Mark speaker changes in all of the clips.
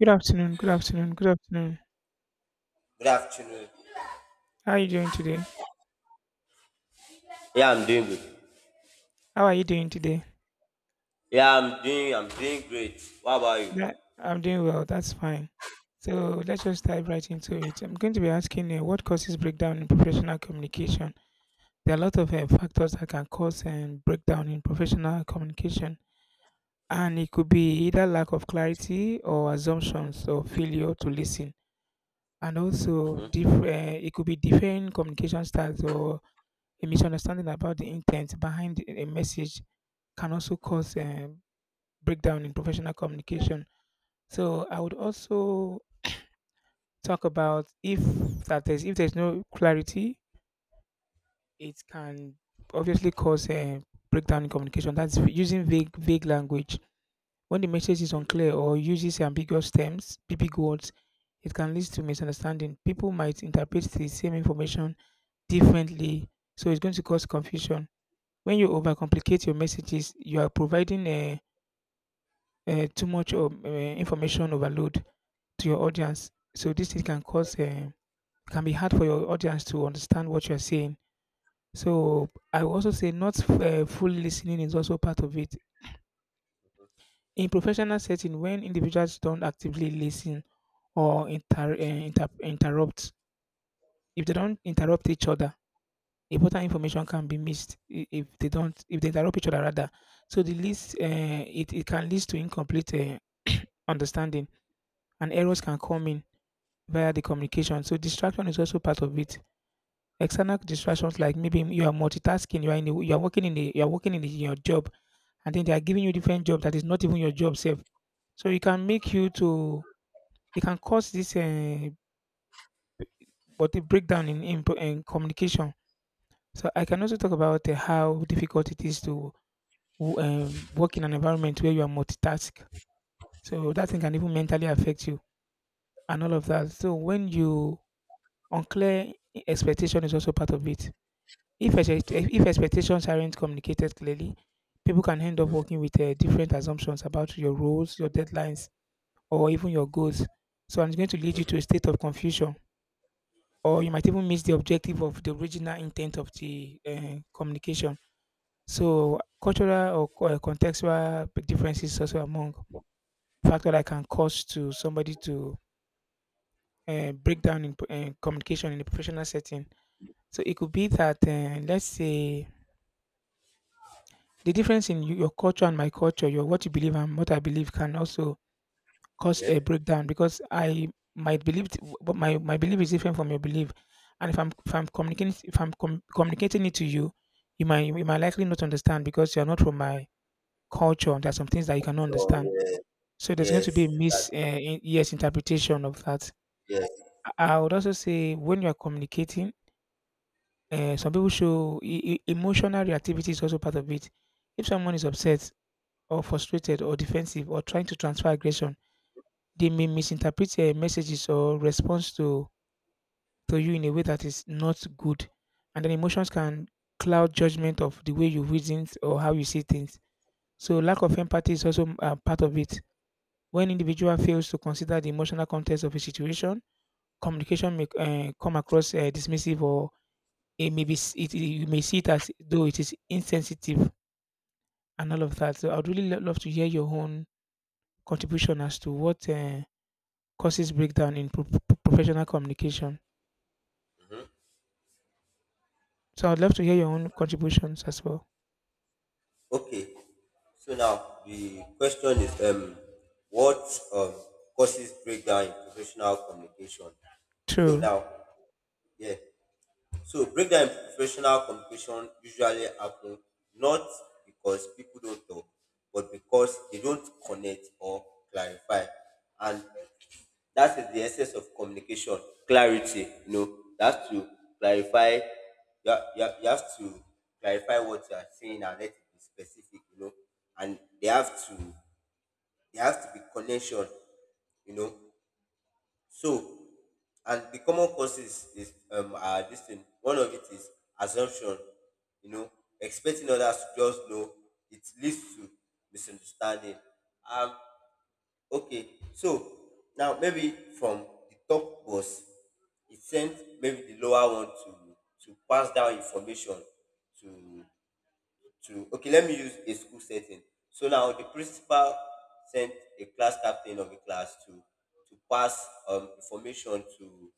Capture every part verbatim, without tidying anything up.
Speaker 1: Good afternoon. Good afternoon. Good afternoon.
Speaker 2: Good afternoon.
Speaker 1: How are you doing today?
Speaker 2: Yeah, I'm doing good.
Speaker 1: How are you doing today?
Speaker 2: Yeah, I'm doing. I'm doing great. What about you?
Speaker 1: That I'm doing well. That's fine. So let's just dive right into it. I'm going to be asking you what causes breakdown in professional communication. There are a lot of uh, factors that can cause um, breakdown in professional communication, and it could be either lack of clarity or assumptions or failure to listen, and also diff-
Speaker 2: Mm-hmm,
Speaker 1: uh, it could be different communication styles or a misunderstanding about the intent behind a message can also cause um, breakdown in professional communication. So I would
Speaker 2: mm-hmm,
Speaker 1: also talk about if that is if there's no clarity, it can obviously cause a breakdown in communication. That's using vague vague language. When the message is
Speaker 2: mm-hmm,
Speaker 1: unclear or uses ambiguous terms, big words, it can lead to misunderstanding. People might interpret the same information differently, so it's going to cause confusion. When you overcomplicate your messages, you are providing a, a too much of, uh, information overload to your audience. So this thing can cause um, can be hard for your audience to understand what you're saying. So I will also say not f- uh, full listening is also part of it. In professional setting, when individuals don't actively listen or inter- uh, inter- interrupt, if they don't interrupt each other, important information can be missed i- if they don't if they interrupt each other rather. So the list uh, it, it can lead to incomplete uh, understanding and errors can come in via the communication. So distraction is also part of it. External distractions like maybe you are multitasking, you are in a, you are working in a, you are working in, a, your job, and then they are giving you different job that is not even your job self. So it can make you to it can cause this uh, but the breakdown in, in pro- in communication. So I can also talk about uh, how difficult it is to w- um, work in an environment where you are multitask. So that thing can even mentally affect you and all of that. So when you unclear expectation is also part of it. If, expect-
Speaker 2: mm-hmm,
Speaker 1: if expectations aren't communicated clearly, people can end up
Speaker 2: mm-hmm.
Speaker 1: working with uh, different assumptions about your roles, your deadlines, or even your goals. So it's going to lead you to
Speaker 2: Mm-hmm.
Speaker 1: a state of confusion, or
Speaker 2: Yeah.
Speaker 1: you might even miss the objective of the original intent of the uh, communication. So cultural or co- uh, contextual differences also among factor that can cause to somebody to uh, break down in uh, communication in a professional setting. So it could be that uh, let's say the difference in y- your culture and my culture, your what you believe and what I believe can also cause
Speaker 2: Yeah.
Speaker 1: a breakdown because I might believe, t- but my, my belief is different from your belief, and if I'm if I'm communicating if I'm com- communicating it to you, you might you might likely not understand because you are not from my culture. There are some things that you cannot
Speaker 2: So
Speaker 1: understand,
Speaker 2: yeah.
Speaker 1: so there's going to
Speaker 2: Yes.
Speaker 1: be a mis uh,
Speaker 2: Exactly.
Speaker 1: in- yes interpretation of that.
Speaker 2: Yes.
Speaker 1: I I would also say when you are communicating, uh, some people show e- e- emotional reactivity is also part of it. If someone is upset, or frustrated or defensive or trying to transfer aggression, they may misinterpret uh, messages or response to, to you in a way that is not good. And then emotions can cloud judgment of the way you reason or how you see things. So lack of empathy is also uh, part of it. When individual fails to consider the emotional context of a situation, communication may uh, come across uh, dismissive or it may be s- it, it- you may see it as though it is insensitive and all of that. So I'd really lo- love to hear your own contribution as to what uh, causes breakdown in pro- pro- professional communication. So I'd love to hear your own contributions as well.
Speaker 2: Okay. So now the question is, um, what um causes breakdown in professional communication? So
Speaker 1: True.
Speaker 2: now, yeah. So breakdown in professional communication usually happen not because people don't talk, but because they don't connect or clarify. And that is the essence of communication, clarity. You know, you have to clarify you have, you have, you have to clarify what you are saying and let it be specific, you know. And they have to they have to be connection, you know. So, and the common causes is um are this thing. One of it is assumption. You know, expecting others to just know it leads to misunderstanding. Um, okay. So now maybe from the top boss, it sent maybe the lower one to to pass down information to to okay, let me use a school setting. So now the principal sent a class captain of the class to to pass um, information to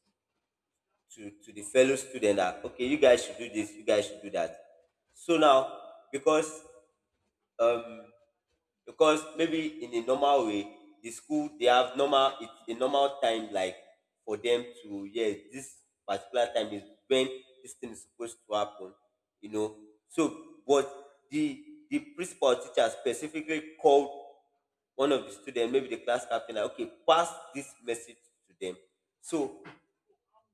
Speaker 2: to to the fellow student, that okay, you guys should do this, you guys should do that. So now, because um because maybe in a normal way, the school they have normal it's a normal time, like for them to, yes, this particular time is when this thing is supposed to happen you know so but the the principal teacher specifically called one of the students, maybe the class captain, like okay, pass this message to them. So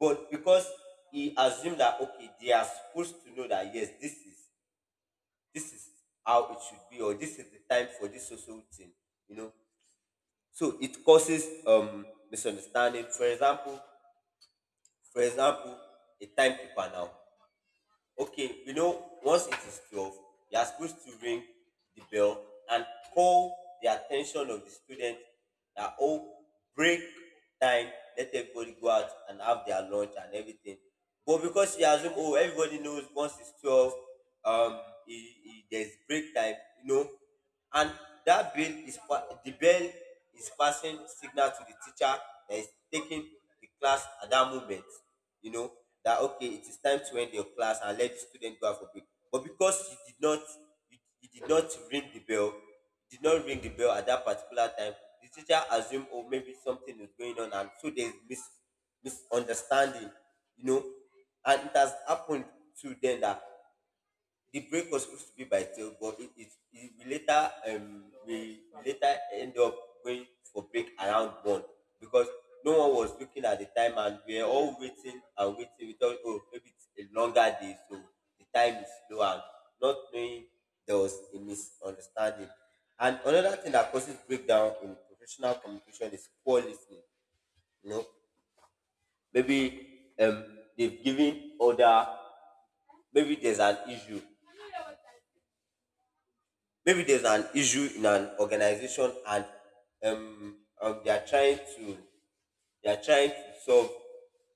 Speaker 2: but because he assumed that okay, they are supposed to know that yes, this is this is how it should be, or this is the time for this social thing you know so it causes um misunderstanding. For example for example a timekeeper now. Okay, you know once it is twelve, you are supposed to ring the bell and call the attention of the student, that oh, break time, let everybody go out and have their lunch and everything. But because she assume oh, everybody knows once it's twelve, um e e there's break time you know and that bell is pa- the bell is passing signal to the teacher that is taking the class at that moment, you know that okay, it is time to end your class and let the student go out for break. But because you did not, you, you did not ring the bell, you did not ring the bell at that particular time, the teacher assumed oh, maybe something is going on, and so there is mis misunderstanding, you know and it has happened to them that the break was supposed to be by twelve, but it it, it we later um we later end up going for break around one, because no one was looking at the time and we were all waiting and waiting. We thought oh, maybe it's a longer day, so the time is slow, and not knowing there was a misunderstanding. And another thing that causes breakdown in professional communication is poor listening. you know maybe um they've given order. Maybe there's an issue, maybe there's an issue in an organization, and um, um they are trying to, they are trying to solve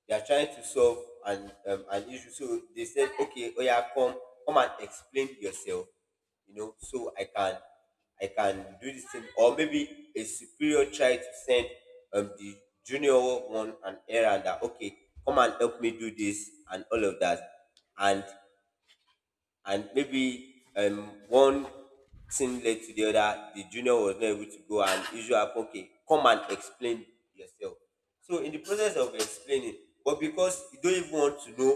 Speaker 2: they are trying to solve an um, an issue. So they said okay, oh yeah, come come and explain yourself, you know so i can i can do this thing. Or maybe a superior tried to send um the junior one an errand, that okay, come and help me do this and all of that. And and maybe um one thing led to the other, the junior was not able to go and usually happen, okay, come and explain yourself. So in the process of explaining, but because you don't even want to know,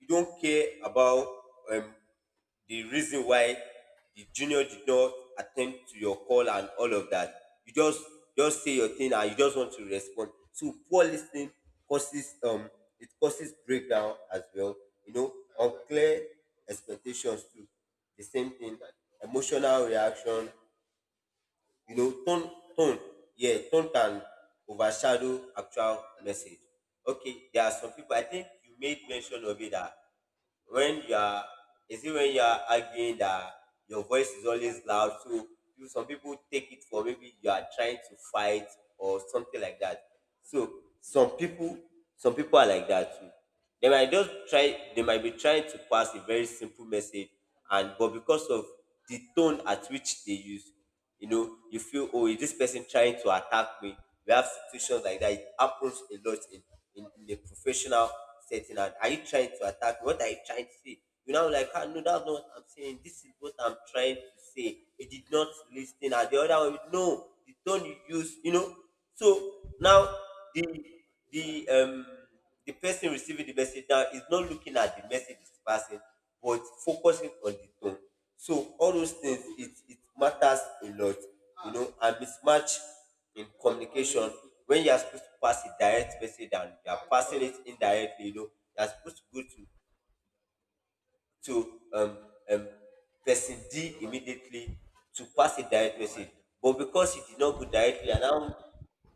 Speaker 2: you don't care about um the reason why the junior did not attend to your call and all of that. You just just say your thing, and you just want to respond. So poor listening causes um it causes breakdown as well. You know, unclear expectations too. The same thing. Emotional reaction, you know, tone tone. Yeah, tone can overshadow actual message. Okay, there are some people, I think you made mention of it, that when you are is it when you are arguing that your voice is always loud, so you- some people take it for maybe you are trying to fight or something like that. So some people some people are like that too. They might just try they might be trying to pass a very simple message, and but because of the tone at which they use, you know, you feel oh, is this person trying to attack me? We have situations like that. It happens a lot in, in, in a professional setting. And are you trying to attack me? What are you trying to say? You know, like, ah, no, that's not what I'm saying. This is what I'm trying to say. You did not listen. And the other one, no, the tone you use, you know. So now the the um the person receiving the message now is not looking at the message it's passing, but focusing on the tone. So all those things, it it matters a lot, you know and mismatch in communication, when you are supposed to pass a direct message and you are passing it indirectly. you know you are supposed to go to to um, um, person D immediately to pass a direct message. But because it did not go directly, and now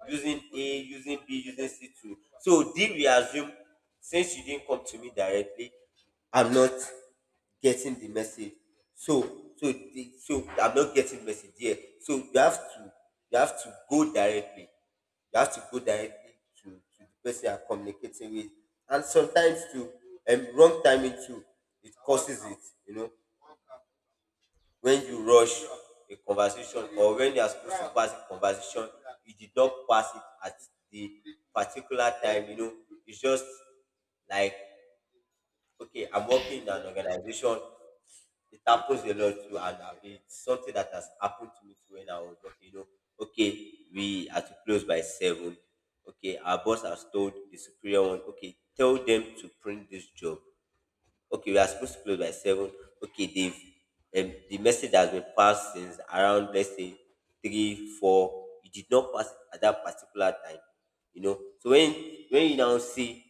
Speaker 2: using A, using B, using C to, so D, we assume, since you didn't come to me directly, I'm not getting the message. So so the, so I'm not getting message here. So you have to, you have to go directly. You have to go directly to, to the person you're communicating with. And sometimes too, um, wrong timing too, it causes it, you know. When you rush a conversation, or when you are supposed to pass a conversation, you did not pass it at the particular time, you know. It's just like okay, I'm working in an organization. It happens a lot too, and uh, it's something that has happened to me too when I was working. You know, okay, we are to close by seven. Okay, our boss has told the superior one, okay, tell them to print this job. Okay, we are supposed to close by seven. Okay, they've um, the message has been passed since around let's say three, four. You did not pass it at that particular time. You know, so when when you now see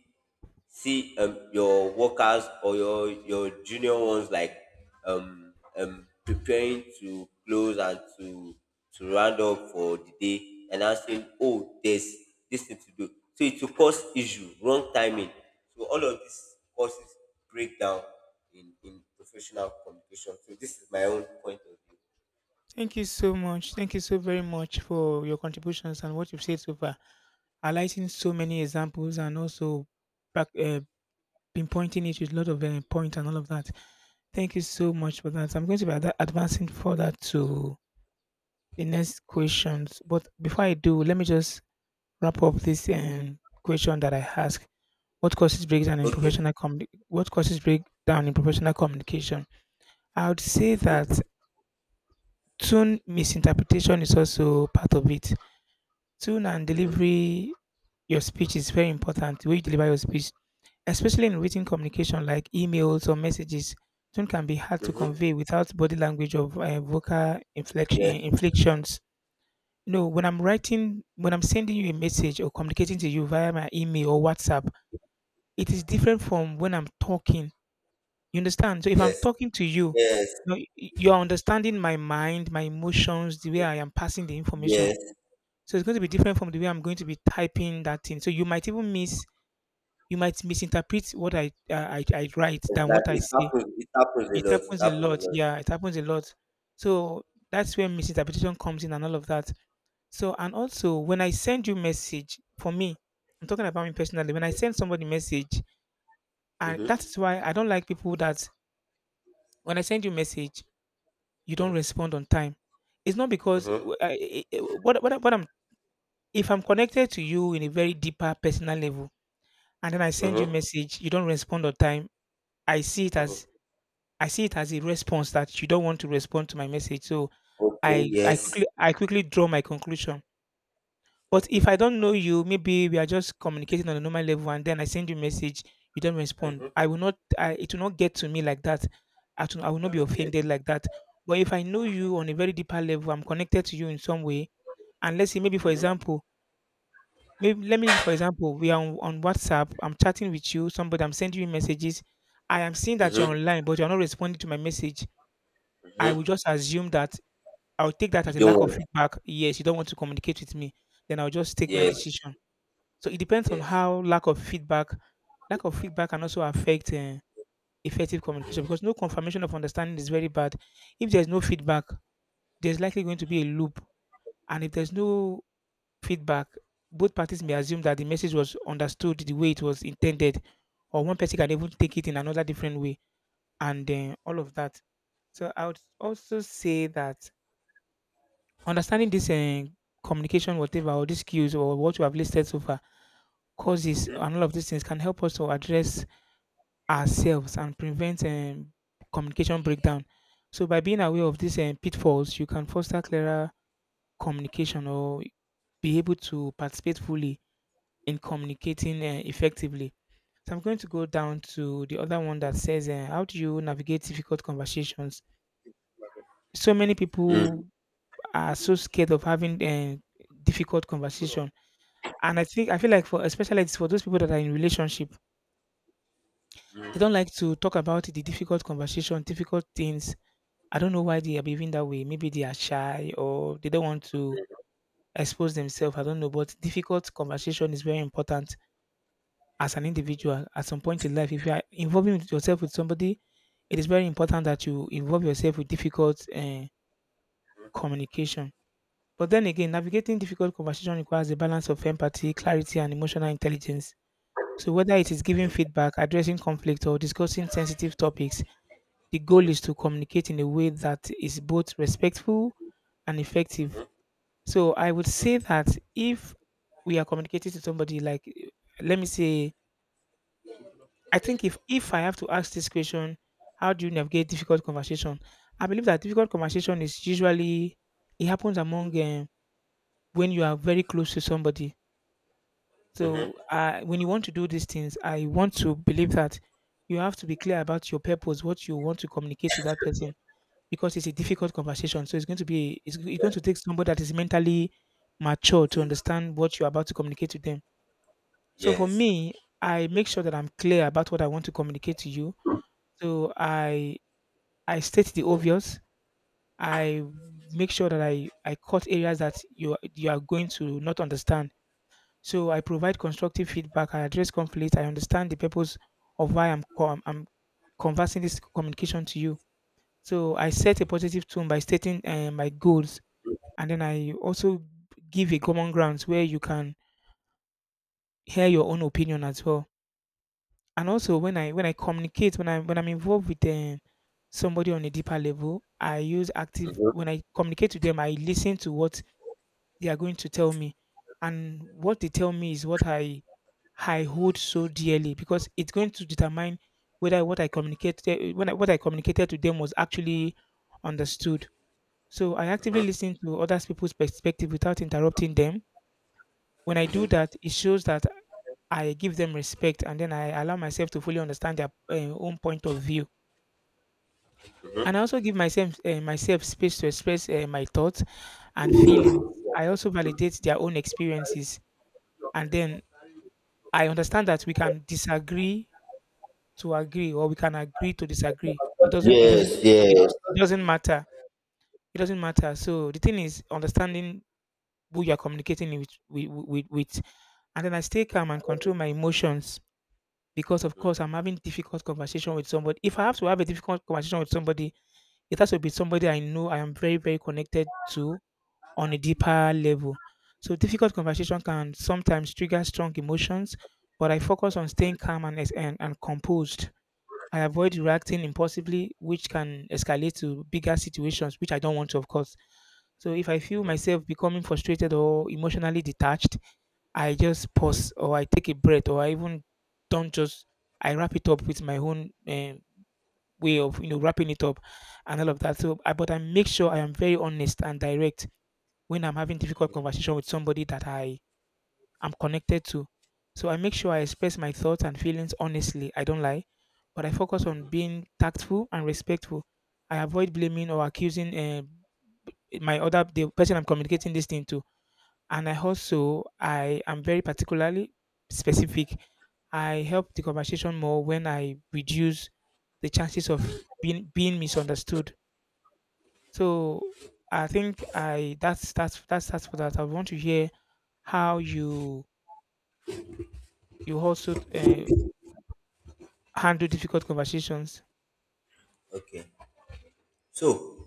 Speaker 2: see um, your workers, or your your junior ones, like um, um preparing to close and to to round up for the day, and I'm saying oh, there's this thing to do, so it will cause issue, wrong timing. So all of this causes breakdown in in professional communication. So this is my own point of view.
Speaker 1: Thank you so much. Thank you so very much for your contributions and what you've said so far. Highlighting so many examples and also back, uh, pinpointing it with a lot of uh, points and all of that. Thank you so much for that. I'm going to be ad- advancing further to the next questions. But before I do, let me just wrap up this um, question that I asked. What causes breakdown in professional communi- what causes breakdown in professional communication? I would say
Speaker 2: Okay. Mm-hmm.
Speaker 1: that tone misinterpretation is also part of it. Tone and
Speaker 2: Mm-hmm.
Speaker 1: delivery your speech is very important. The way you deliver your speech, especially in written communication like emails or messages, tone can be hard to
Speaker 2: Mm-hmm.
Speaker 1: convey without body language or uh, vocal inflection,
Speaker 2: Yes.
Speaker 1: eh, inflections. You know, when I'm writing, when I'm sending you a message or communicating to you via my email or WhatsApp, it is different from when I'm talking. You understand? So if I'm
Speaker 2: Yes.
Speaker 1: talking to you,
Speaker 2: Yes.
Speaker 1: you know, y- you're understanding my mind, my emotions, the way I am passing the information.
Speaker 2: Yes.
Speaker 1: So it's going to be different from the way I'm going to be typing that thing. So you might even miss, you might misinterpret what I uh, I, I write than what I
Speaker 2: Exactly. it
Speaker 1: say.
Speaker 2: happens it happens a
Speaker 1: It
Speaker 2: lot, it
Speaker 1: happens a
Speaker 2: happens a
Speaker 1: lot.
Speaker 2: lot.
Speaker 1: Yeah, it happens a lot. So that's where misinterpretation comes in and all of that. So and also when I send you message, for me, I'm talking about me personally. When I send somebody message, and
Speaker 2: Mm-hmm.
Speaker 1: that's why I don't like people that when I send you message you don't
Speaker 2: Uh-huh.
Speaker 1: respond on time. It's not because
Speaker 2: Uh-huh.
Speaker 1: w- I, I- I- what what, I- what I'm if I'm connected to you in a very deeper personal level, and then I send you a
Speaker 2: Uh-huh.
Speaker 1: message, you don't respond on time. I see it
Speaker 2: Uh-huh.
Speaker 1: as I see it as a response that you don't want to respond to my message. So
Speaker 2: Okay.
Speaker 1: I I
Speaker 2: Yes.
Speaker 1: quickly I quickly draw my conclusion. But if
Speaker 2: Okay.
Speaker 1: I don't know you, maybe we are just communicating on a normal level, and then I send you a message, you don't respond.
Speaker 2: Mm-hmm.
Speaker 1: I will not. I, it will not get to me like that. I, to, I will not be
Speaker 2: Okay.
Speaker 1: offended like that. But if I know you on a very deeper level, I'm connected to you in some way, and let's say maybe for example, maybe let me use for example, we are on, on WhatsApp. I'm chatting with you, somebody. I'm sending you messages. I am seeing that you're
Speaker 2: Mm-hmm.
Speaker 1: online, but you're not responding to my message. I will
Speaker 2: Mm-hmm.
Speaker 1: just assume that I'll take that
Speaker 2: You
Speaker 1: as a
Speaker 2: don't
Speaker 1: lack of
Speaker 2: want.
Speaker 1: feedback. Yes, you don't want to communicate with me. Then I'll just take my
Speaker 2: Yes.
Speaker 1: decision. So it depends on
Speaker 2: Yes.
Speaker 1: how lack of feedback, lack of feedback can also affect uh, effective communication because no confirmation of understanding is very bad. If there's no feedback, there's likely going to be a loop. And if there's no feedback, both parties may assume that the message was understood the way it was intended, or one person can even take it in another different way, and uh, all of that. So I would also say that understanding this uh, communication, whatever, or these skills, or what you have listed so far, causes, and all of these things can help us to address ourselves and prevent um, communication breakdown. So by being aware of these um, pitfalls, you can foster clearer communication or be able to participate fully in communicating uh, effectively. So I'm going to go down to the other one that says, uh, "How do you navigate difficult conversations?" So many
Speaker 2: Mm.
Speaker 1: people are so scared of having uh, difficult conversation, and I think I feel like for especially it's for those people that are in relationship, they don't like to talk about the difficult conversation, difficult things. I don't know why they are behaving that way. Maybe they are shy or they don't want to expose themselves. I don't know. But difficult conversation is very important as an individual. At some point in life, if you are involving yourself with somebody, it is very important that you involve yourself with difficult uh, communication. But then again, navigating difficult conversation requires a balance of empathy, clarity, and emotional intelligence. So whether it is giving feedback, addressing conflict, or discussing sensitive topics, the goal is to communicate in a way that is both respectful and effective. So I would say that if we are communicating to somebody, like eh, let me say, I think if if I have to ask this question, how do you navigate difficult conversation? I believe that difficult conversation is usually it happens among um, when you are very close to somebody. So uh, when you want to do these things, I want to believe that you have to be clear about your purpose, what you want to communicate to that person because it's a difficult conversation. So it's going to be it's, it's going to take somebody that is mentally mature to understand what you're about to communicate to them. So for
Speaker 2: Yes.
Speaker 1: me, I make sure that I'm clear about what I want to communicate to you. So I I state the obvious. I make sure that I I cut areas that you you are going to not understand. So I provide constructive feedback. I address conflict. I understand the purpose of why I'm com- I'm conversing this communication to you. So I set a positive tone by stating uh, my goals, and then I also give a common ground where you can hear your own opinion as well. And also when I when I communicate when I when I'm involved with um, somebody on a deeper level, I use active
Speaker 2: Mm-hmm.
Speaker 1: when I communicate to them, I listen to what they are going to tell me, and what they tell me is what I I hold so dearly because it's going to determine whether what I communicated when I, what I communicated to them was actually understood. So I actively listen to other people's perspective without interrupting them. When I do that, it shows that I give them respect, and then I allow myself to fully understand their uh, own point of view, and I also give myself uh, myself space to express uh, my thoughts and feelings. I also validate their own experiences, and then I understand that we can disagree to agree, or we can agree to disagree. It doesn't. It doesn't.
Speaker 2: Yes.
Speaker 1: It,
Speaker 2: Yes.
Speaker 1: it doesn't matter. It doesn't matter. So the thing is understanding who you are communicating with, with, with, with, and then I stay calm and control my emotions because of
Speaker 2: Mhm.
Speaker 1: course I'm having difficult conversation with somebody. If I have to have a difficult conversation with somebody, it has to be somebody I know I am very, very connected to on a deeper level. So difficult conversation can sometimes trigger strong emotions, but I focus on staying calm and es- and, and composed. I avoid reacting impulsively, which can escalate to bigger situations, which I don't want to, of course. So if I feel myself becoming frustrated or emotionally detached, I just pause or I take a breath, or I even don't just I wrap it up with my own um, way of you know wrapping it up and all of that. So, I, but I make sure I am very honest and direct when I'm having difficult conversation with somebody that I am connected to. So I make sure I express my thoughts and feelings honestly. I don't lie, but I focus on being tactful and respectful. I avoid blaming or accusing uh, my other the person I'm communicating this thing to, and I also I am very particularly specific. I help the conversation more when I reduce the chances of being being misunderstood. So I think I that's that's that's that's for that. I want to hear how you you also uh, handle difficult conversations.
Speaker 2: Okay. So,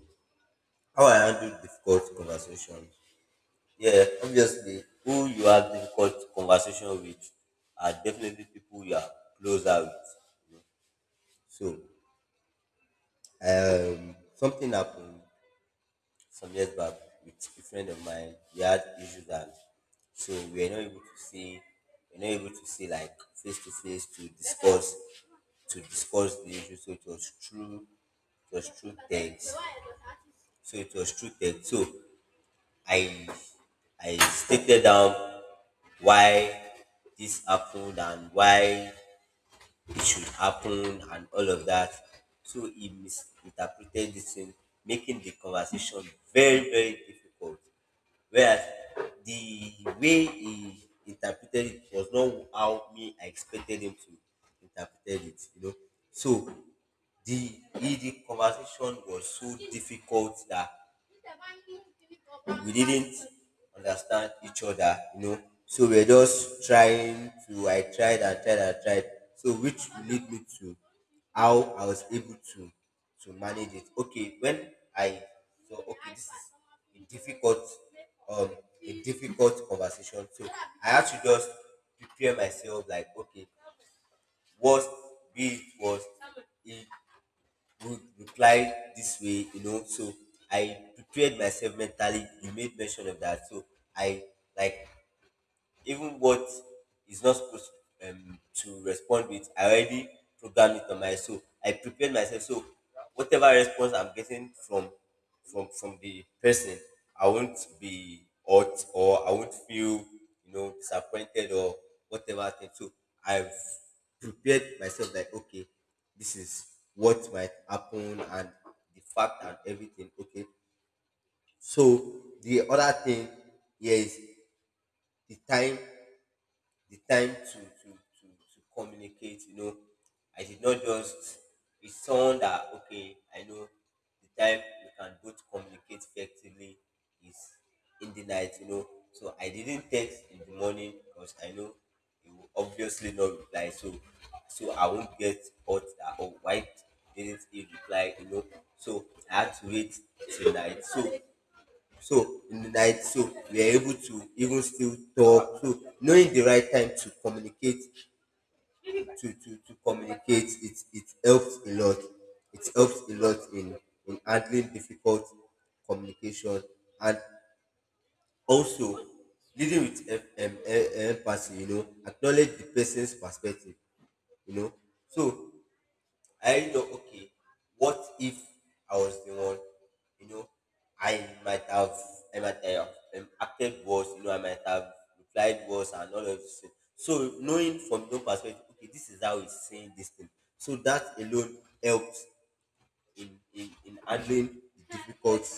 Speaker 2: how I handle difficult conversation? Yeah, obviously, who you have difficult conversation with are definitely people you are closer with. So, um, something happened some years back with a friend of mine. We had issues, and so we were not able to see we were not able to see, like face to face, to discuss to discuss the issue. So it was true it was true text. So it was true text. So I I stated down why this happened and why it should happen and all of that. So he misinterpreted this thing, making the conversation very, very difficult, whereas the way he interpreted it was not how me I expected him to interpret it, you know. So the the conversation was so difficult that we didn't understand each other, you know. So we're just trying to, I tried and tried and tried. So which will lead me to how I was able to to manage it. Okay, when I so okay, this is a difficult um a difficult conversation. So I had to just prepare myself, like okay, worst be it worst. It would reply this way, you know. So I prepared myself mentally. You made mention of that. So I, like, even what is not supposed, um, to respond with, I already programmed it on my so I prepared myself. So whatever response I'm getting from from from the person, I won't be hurt or I won't feel you know disappointed or whatever thing. So I've prepared myself, like okay, this is what might happen, and the fact and everything. Okay. So the other thing here is the time the time to to to, to communicate. you know I did not just, it's someone that, okay, I know the time we can both communicate effectively is in the night. You know so I didn't text in the morning because I know he will obviously not reply, so so I won't get hurt that, oh, why didn't he reply? You know so I had to wait till night. So so in the night, so we are able to even still talk. So knowing the right time to communicate, to to, to communicate, it it helps a lot. It helps a lot in in handling difficult communication, and also leading with em- em- em- empathy. You know, acknowledge the person's perspective. You know, so I know, okay, what if I was the one, you know, I might have, I might have um, acted worse, you know, I might have replied worse and all of this. So so knowing from your perspective, okay, this is how he's saying this thing. So that alone helps in, in, in handling the difficult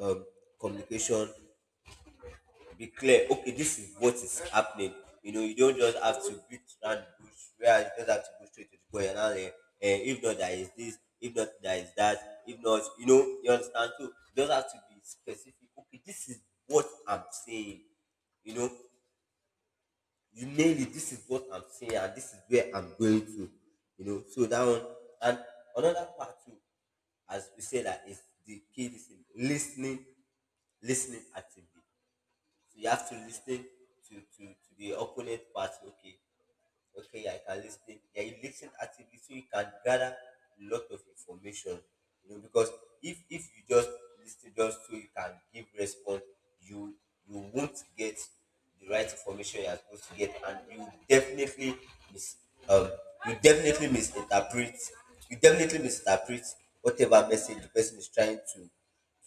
Speaker 2: um, communication. Be clear, okay, this is what is happening. You know you don't just have to beat around the bush, where you just have to go straight to the point point. And now, eh, eh, if not there is this, if not there is that, if not, you know, you understand. So you just have to be specific, okay, this is what I'm saying, you know, you nail it, this is what I'm saying and this is where I'm going to, you know. So that one, and another part too, as we say, that is the key: listening listening listening actively. So you have to listen to, to, to the opponent party. Okay, okay, I can listen. Yeah, you listen actively so you can gather a lot of information. You know, because if if you just listen just so you can give response, you you won't get the right information you are supposed to get, and you definitely mis um you definitely misinterpret, you definitely misinterpret whatever message the person is trying to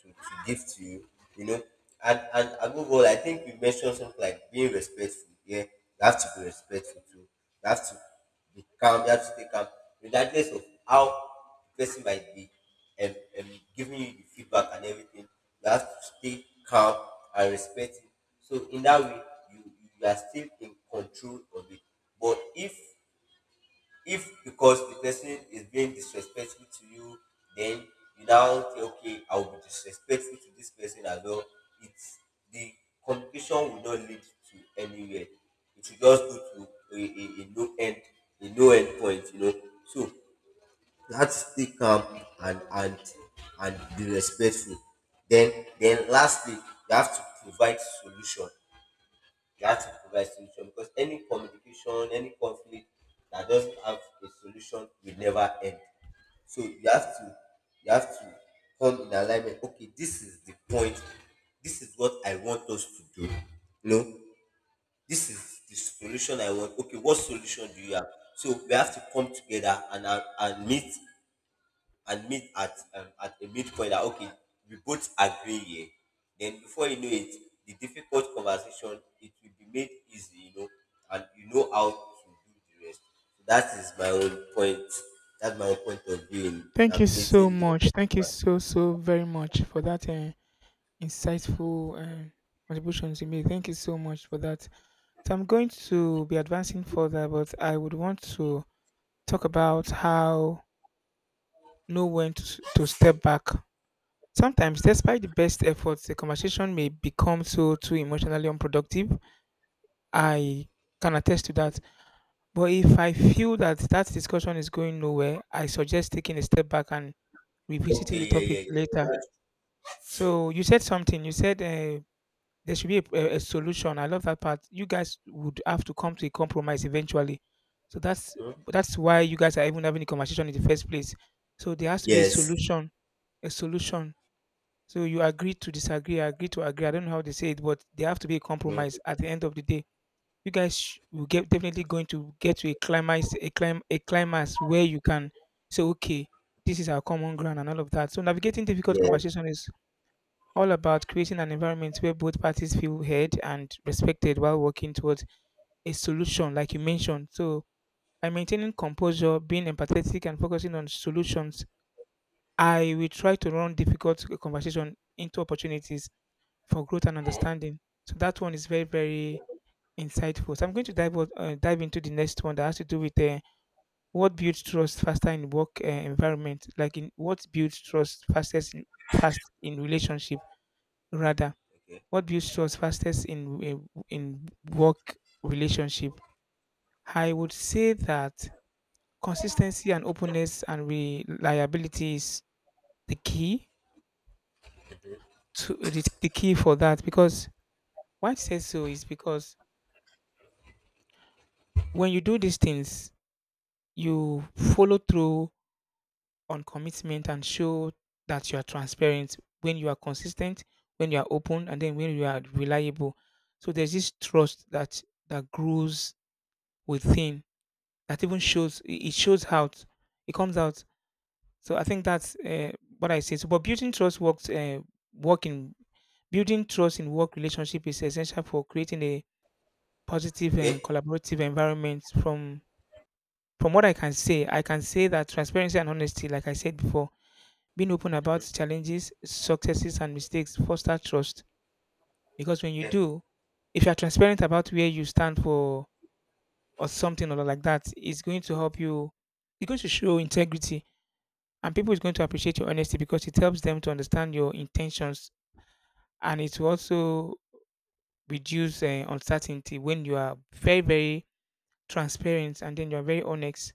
Speaker 2: to, to give to you, you know. And, and above all, I think you mentioned something like being respectful. Yeah, you have to be respectful too. You have to be calm. You have to stay calm, regardless of how the person might be and, and giving you the feedback and everything. You have to stay calm and respect it. So in that way, you you are still in control of it. But if if because the person is being disrespectful to you, then you now say, okay, I will be disrespectful to this person as well. It's the communication will not lead to anywhere. It will just go to a, a, a no end, a no end point, you know. So that's stay calm and and and be respectful. Then then lastly, you have to provide solution. You have to provide solution, because any communication, any conflict that doesn't have a solution will never end. So you have to, you have to come in alignment. Okay, this is the point. This is what I want us to do. No, this is the solution I want. Okay, what solution do you have? So we have to come together and and and meet, and meet at um, at a midpoint that, okay, we both agree here. Then before you know it, the difficult conversation, it will be made easy, you know, and you know how to do the rest. So that is my own point. That's my own point of view in
Speaker 1: Thank you so
Speaker 2: navigating the.
Speaker 1: much. Thank you so so very much for that uh, insightful uh, contributions you made. Thank you so much for that. So I'm going to be advancing further, but I would want to talk about how know when to, s- to step back. Sometimes, despite the best efforts, the conversation may become so too emotionally unproductive. I can attest to that. But if I feel that that discussion is going nowhere, I suggest taking a step back and revisiting
Speaker 2: Okay,
Speaker 1: the
Speaker 2: yeah, yeah,
Speaker 1: topic
Speaker 2: yeah, yeah,
Speaker 1: later.
Speaker 2: that's
Speaker 1: So you said something. You said uh, there should be a, a a solution. I love that part. You guys would have to come to a compromise eventually. So that's
Speaker 2: true.
Speaker 1: that's why you guys are even having a conversation in the first place. So there has to be a
Speaker 2: Yes.
Speaker 1: solution. A solution. So you agree to disagree, I agree to agree. I don't know how they say it, but there have to be a
Speaker 2: Mm.
Speaker 1: compromise at the end of the day. You guys sh- will get definitely going to get to a climax, a clim, a climax where you can say, okay, this is our common ground and all of that. So navigating difficult
Speaker 2: Yeah.
Speaker 1: conversation is all about creating an environment where both parties feel heard and respected while working towards a solution, like you mentioned. So by maintaining composure, being empathetic, and focusing on solutions, I will try to run difficult conversation into opportunities for growth and understanding. So that one is very, very insightful. So I'm going to dive o- uh, dive into the next one that has to do with uh, what builds trust faster in work uh, environment, like in what builds trust fastest in, fast in relationship rather.
Speaker 2: Okay.
Speaker 1: What builds trust fastest in in in work relationship? I would say that consistency and openness and reliability is the key to the, the key for that because why I say so is because when you do these things, you follow through on commitment and show that you are transparent when you are consistent, when you are open, and then when you are reliable. So there's this trust that that grows within, that even shows, it it shows out, it comes out. So I think that's uh, what I say. So, but building trust works uh, work in building trust in work relationship is essential for creating a positive and
Speaker 2: Okay.
Speaker 1: collaborative environment. from from what I can say, i can say that transparency and honesty, like I said before, being open about
Speaker 2: Mhm.
Speaker 1: challenges, successes, and mistakes foster trust because when you
Speaker 2: Yeah.
Speaker 1: do, if you're transparent about where you stand for or something or like that, it's going to help you. It's going to show integrity, and people is going to appreciate your honesty because it helps them to understand your intentions, and it will also reduce uh, uncertainty when you are very, very transparent and then you are very honest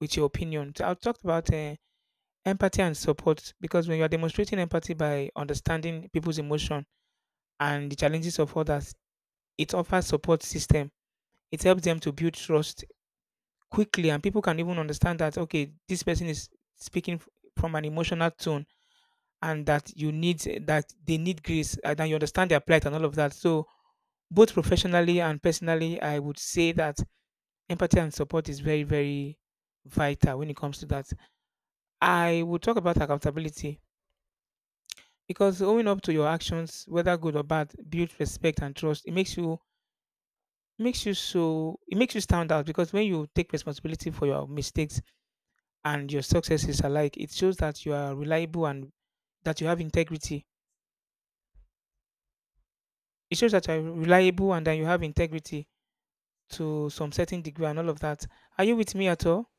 Speaker 1: with your opinion. So I talked about uh, empathy and support because when you are demonstrating empathy by understanding people's emotion and the challenges of others. It offers support system. It helps them to build trust quickly, and people can even understand that okay, this person is speaking f- from an emotional tone, and that you need that they need grace, and that you understand their plight and all of that. So both professionally and personally, I would say that empathy and support is very, very vital when it comes to that. I would talk about accountability because owning up to your actions, whether good or bad, builds respect and trust. It makes you makes you so it makes you stand out because when you take responsibility for your mistakes and your successes alike, it shows that you are reliable and that you have integrity. It shows that you're reliable and that you have integrity to some certain degree and all of that. Are you with me at all?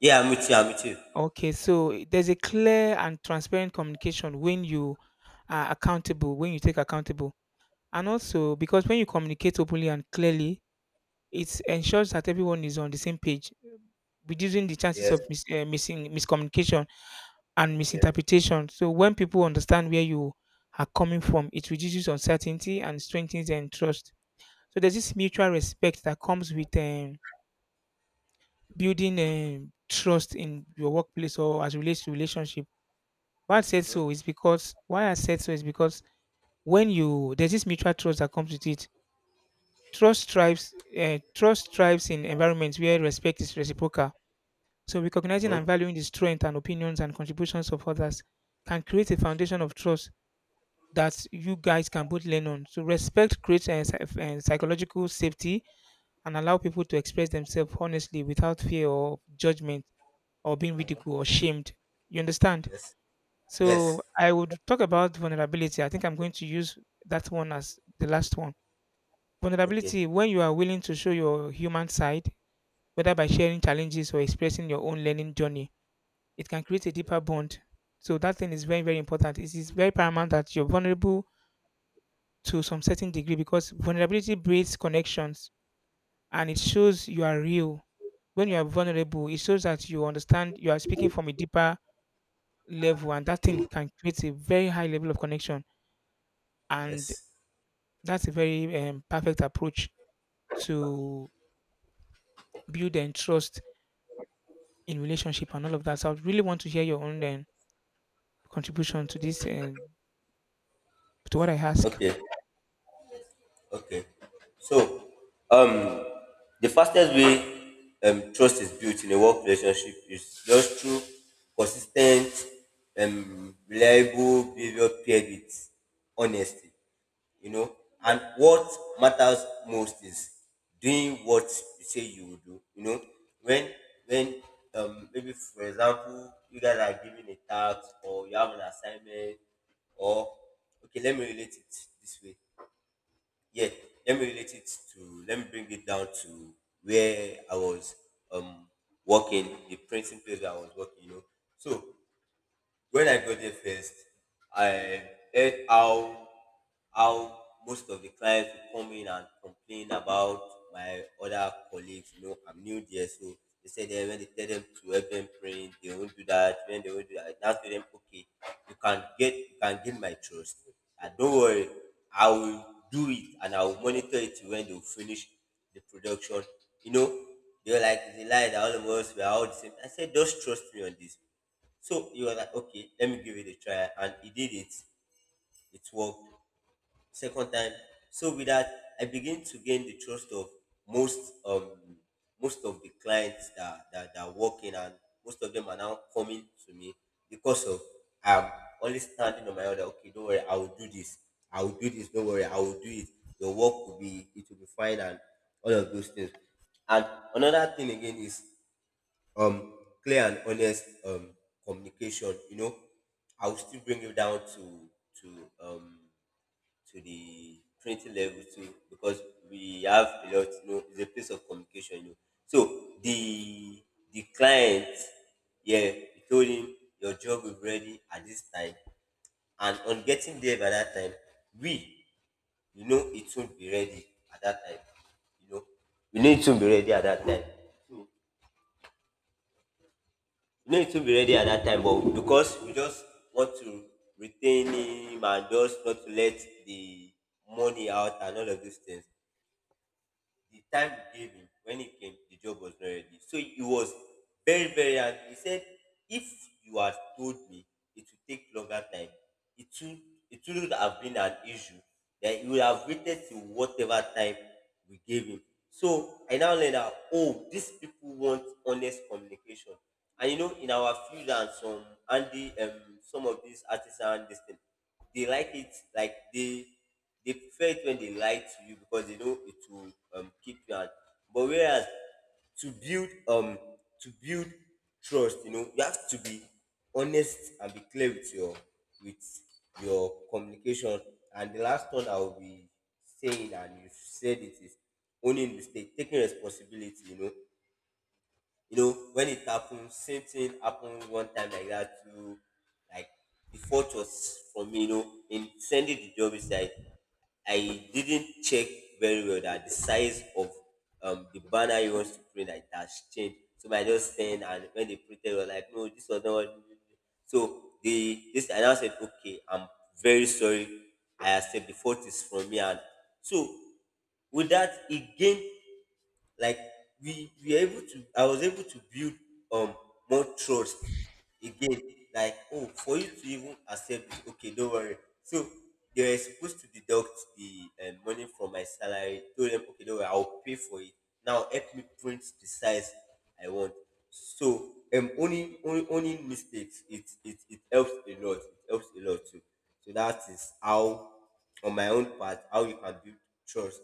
Speaker 2: Yeah, I'm with you. I'm with you.
Speaker 1: Okay, so there's a clear and transparent communication when you are accountable, when you take accountable, and also because when you communicate openly and clearly, it ensures that everyone is on the same page, reducing the chances
Speaker 2: Yes.
Speaker 1: of mis- uh, missing miscommunication and
Speaker 2: Yes.
Speaker 1: misinterpretation. So when people understand where you are coming from, it reduces uncertainty and strengthens and trust. So there's this mutual respect that comes with um, building um, trust in your workplace or as relates to relationship. Why I said so is because why I said so is because when you, there's this mutual trust that comes with it. Trust thrives. Uh, trust thrives in environments where respect is reciprocal. So recognizing
Speaker 2: Hmm.
Speaker 1: and valuing the strength and opinions and contributions of others can create a foundation of trust that you guys can both lean on. So respect creates a psychological safety and allow people to express themselves honestly without fear or judgment or being ridiculed or shamed. You understand?
Speaker 2: Yes. Yes.
Speaker 1: So I would talk about vulnerability. I think I'm going to use that one as the last one.
Speaker 2: Okay.
Speaker 1: Vulnerability, when you are willing to show your human side, whether by sharing challenges or expressing your own learning journey, it can create a deeper bond. So that thing is very, very important. It is very paramount that you're vulnerable to some certain degree because vulnerability breeds connections, and it shows you are real. When you are vulnerable, it shows that you understand you are speaking from a deeper level, and that thing can create a very high level of connection. And
Speaker 2: Yes.
Speaker 1: that's a very um, perfect approach to build and trust in relationship and all of that. So I would really want to hear your own um, contribution to this and to what I ask.
Speaker 2: Okay. Okay. So the fastest way um, trust is built in a work relationship is just through consistent, um, reliable behavior paired with honesty. You know, and what matters most is doing what you say you will do. You know, when when um, maybe for example you guys are given a task or you have an assignment, or okay, let me relate it this way. Yeah, let me relate it to, let me bring it down to where I was um working, the printing place that I was working, you know. So when I got there first, I heard how how most of the clients would come in and complain about my other colleagues. You know, I'm new there, so they said that when they tell them to help them print, they won't do that. When they won't do that, I now tell them, okay, you can get you can gain my trust. And don't worry, I will do it and I will monitor it till when they will finish the production. You know, they were like, it's a lie that all of us were all the same. I said, just trust me on this. So you were like, okay, let me give it a try. And he did it. It worked. Second time. So with that, I begin to gain the trust of most um most of the clients that that, that work in, and most of them are now coming to me because of, I'm only standing on my own that, okay, don't worry, I will do this. I will do this, don't worry, I will do it. Your work will be it will be fine and all of those things. And another thing again is um clear and honest um communication, you know. I will still bring you down to to um to the printing level too, because we have a lot, you know, it's a place of communication, you know. So the the client, yeah, he told him your job is ready at this time, and on getting there by that time, we you know, it won't be ready at that time. You know, we need to be ready at that time. So, no, it will be ready at that time, but because we just want to retain him and just not to let the money out and all of these things, the time you gave him when he came, the job was not ready. So he was very, very angry. He said, if you had told me it would take longer time, it would it wouldn't have been an issue. Then he would have waited till whatever time we gave him. So I now learned that, oh, these people want honest communication. And you know, in our field and some Andy, um, some of these artisan this thing, they like it, like they they prefer it when they lie to you, because they know it will um, keep you out. But whereas to build um to build trust, you know, you have to be honest and be clear with your, with your communication. And the last one I will be saying, and you said, it is owning mistake, taking responsibility. You know, you know, when it happened, same thing happened one time like that too. Like the fault was for me, you know, in sending the job, is like I didn't check very well that the size of um the banner he wants to print like that changed. So I just sent, and when they printed, they were like, no, this was not. What? So the this and I now said, okay, I'm very sorry. I accept the fault is from me. And so with that he gained, like, we we are able to, I was able to build um more trust again, like, oh, for you to even accept this, okay, don't worry. So they were supposed to deduct the uh, money from my salary, told them, okay, don't worry, I'll pay for it, now help me print the size I want. So um only only only mistakes, it, it it helps a lot, it helps a lot too. So that is how on my own part how you can build trust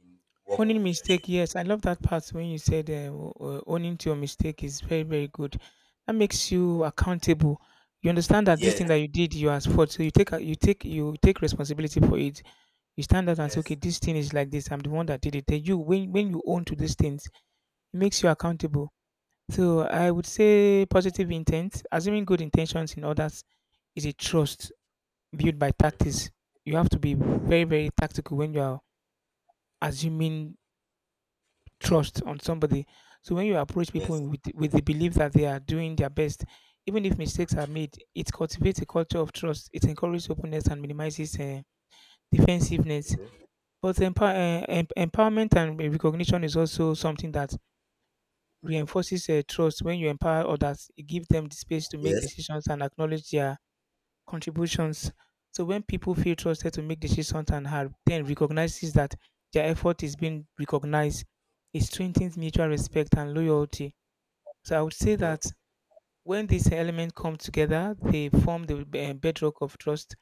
Speaker 2: in work
Speaker 1: Owning
Speaker 2: relationship.
Speaker 1: mistake, yes, I love that part when you said uh, w- uh, owning to your mistake is very, very good. That makes you accountable. You understand that this
Speaker 2: Yes.
Speaker 1: thing that you did, you are at fault. So you take a- you take, you take responsibility for it. You stand out and say, okay,
Speaker 2: Yes.
Speaker 1: this thing is like this. I'm the one that did it. Then you, when when you own to these things, it makes you accountable. So I would say positive intent, assuming good intentions in others, is a trust built by
Speaker 2: Mm-hmm.
Speaker 1: tactics. You have to be very,
Speaker 2: Yes.
Speaker 1: very tactical when you are assuming trust on somebody. So when you approach people
Speaker 2: Yes.
Speaker 1: with with the belief that they are doing their best, even if mistakes are made, it cultivates a culture of trust. It encourages openness and minimizes uh, defensiveness.
Speaker 2: Mm-hmm.
Speaker 1: But empower, uh, em- empowerment and recognition is also something that reinforces uh, trust. When you empower others, it gives them the space to make
Speaker 2: Yes.
Speaker 1: decisions and acknowledge their contributions. So when people feel trusted to make decisions and have then recognizes that their effort is being recognized, it strengthens mutual respect and loyalty. So I would say
Speaker 2: Mm-hmm.
Speaker 1: that when these elements come together, they form the eh, bedrock of trust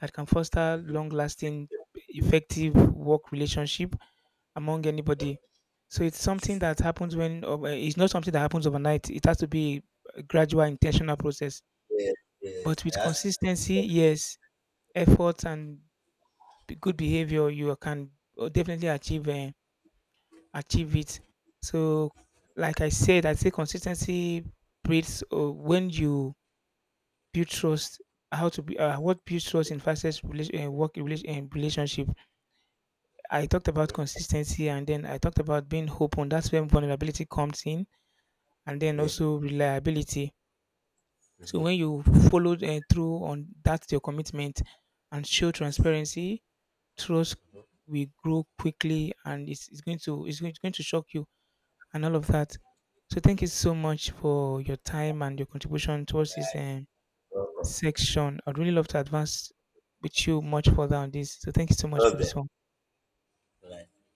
Speaker 1: that can foster
Speaker 2: Mm-hmm.
Speaker 1: long-lasting, effective work relationship among anybody. So it's something that happens when ov- eh, it's not something that happens overnight. It has to be a gradual, intentional process.
Speaker 2: Yes. Yes,
Speaker 1: But
Speaker 2: I
Speaker 1: with
Speaker 2: asked.
Speaker 1: consistency, yes, effort and b- good behavior, you can uh, definitely achieve uh, achieve it. So, like I said, I say consistency breeds uh, when you build trust. How to be uh, what builds trust in fastest relation, uh, work relation, uh, relationship. I talked about
Speaker 2: Mm-hmm.
Speaker 1: consistency, and then I talked about being open. That's when vulnerability comes in, and then
Speaker 2: Yeah.
Speaker 1: also reliability. So
Speaker 2: Mm-hmm.
Speaker 1: when you follow uh, through on that your commitment and show transparency, trust
Speaker 2: Mm-hmm.
Speaker 1: will grow quickly, and it's, it's going to it's going, it's going to shock you and all of that. So thank you so much for your time and your contribution towards this um,
Speaker 2: Welcome.
Speaker 1: section. I'd really love to advance with you much further on this, so thank you so much for
Speaker 2: Love
Speaker 1: this one.
Speaker 2: that.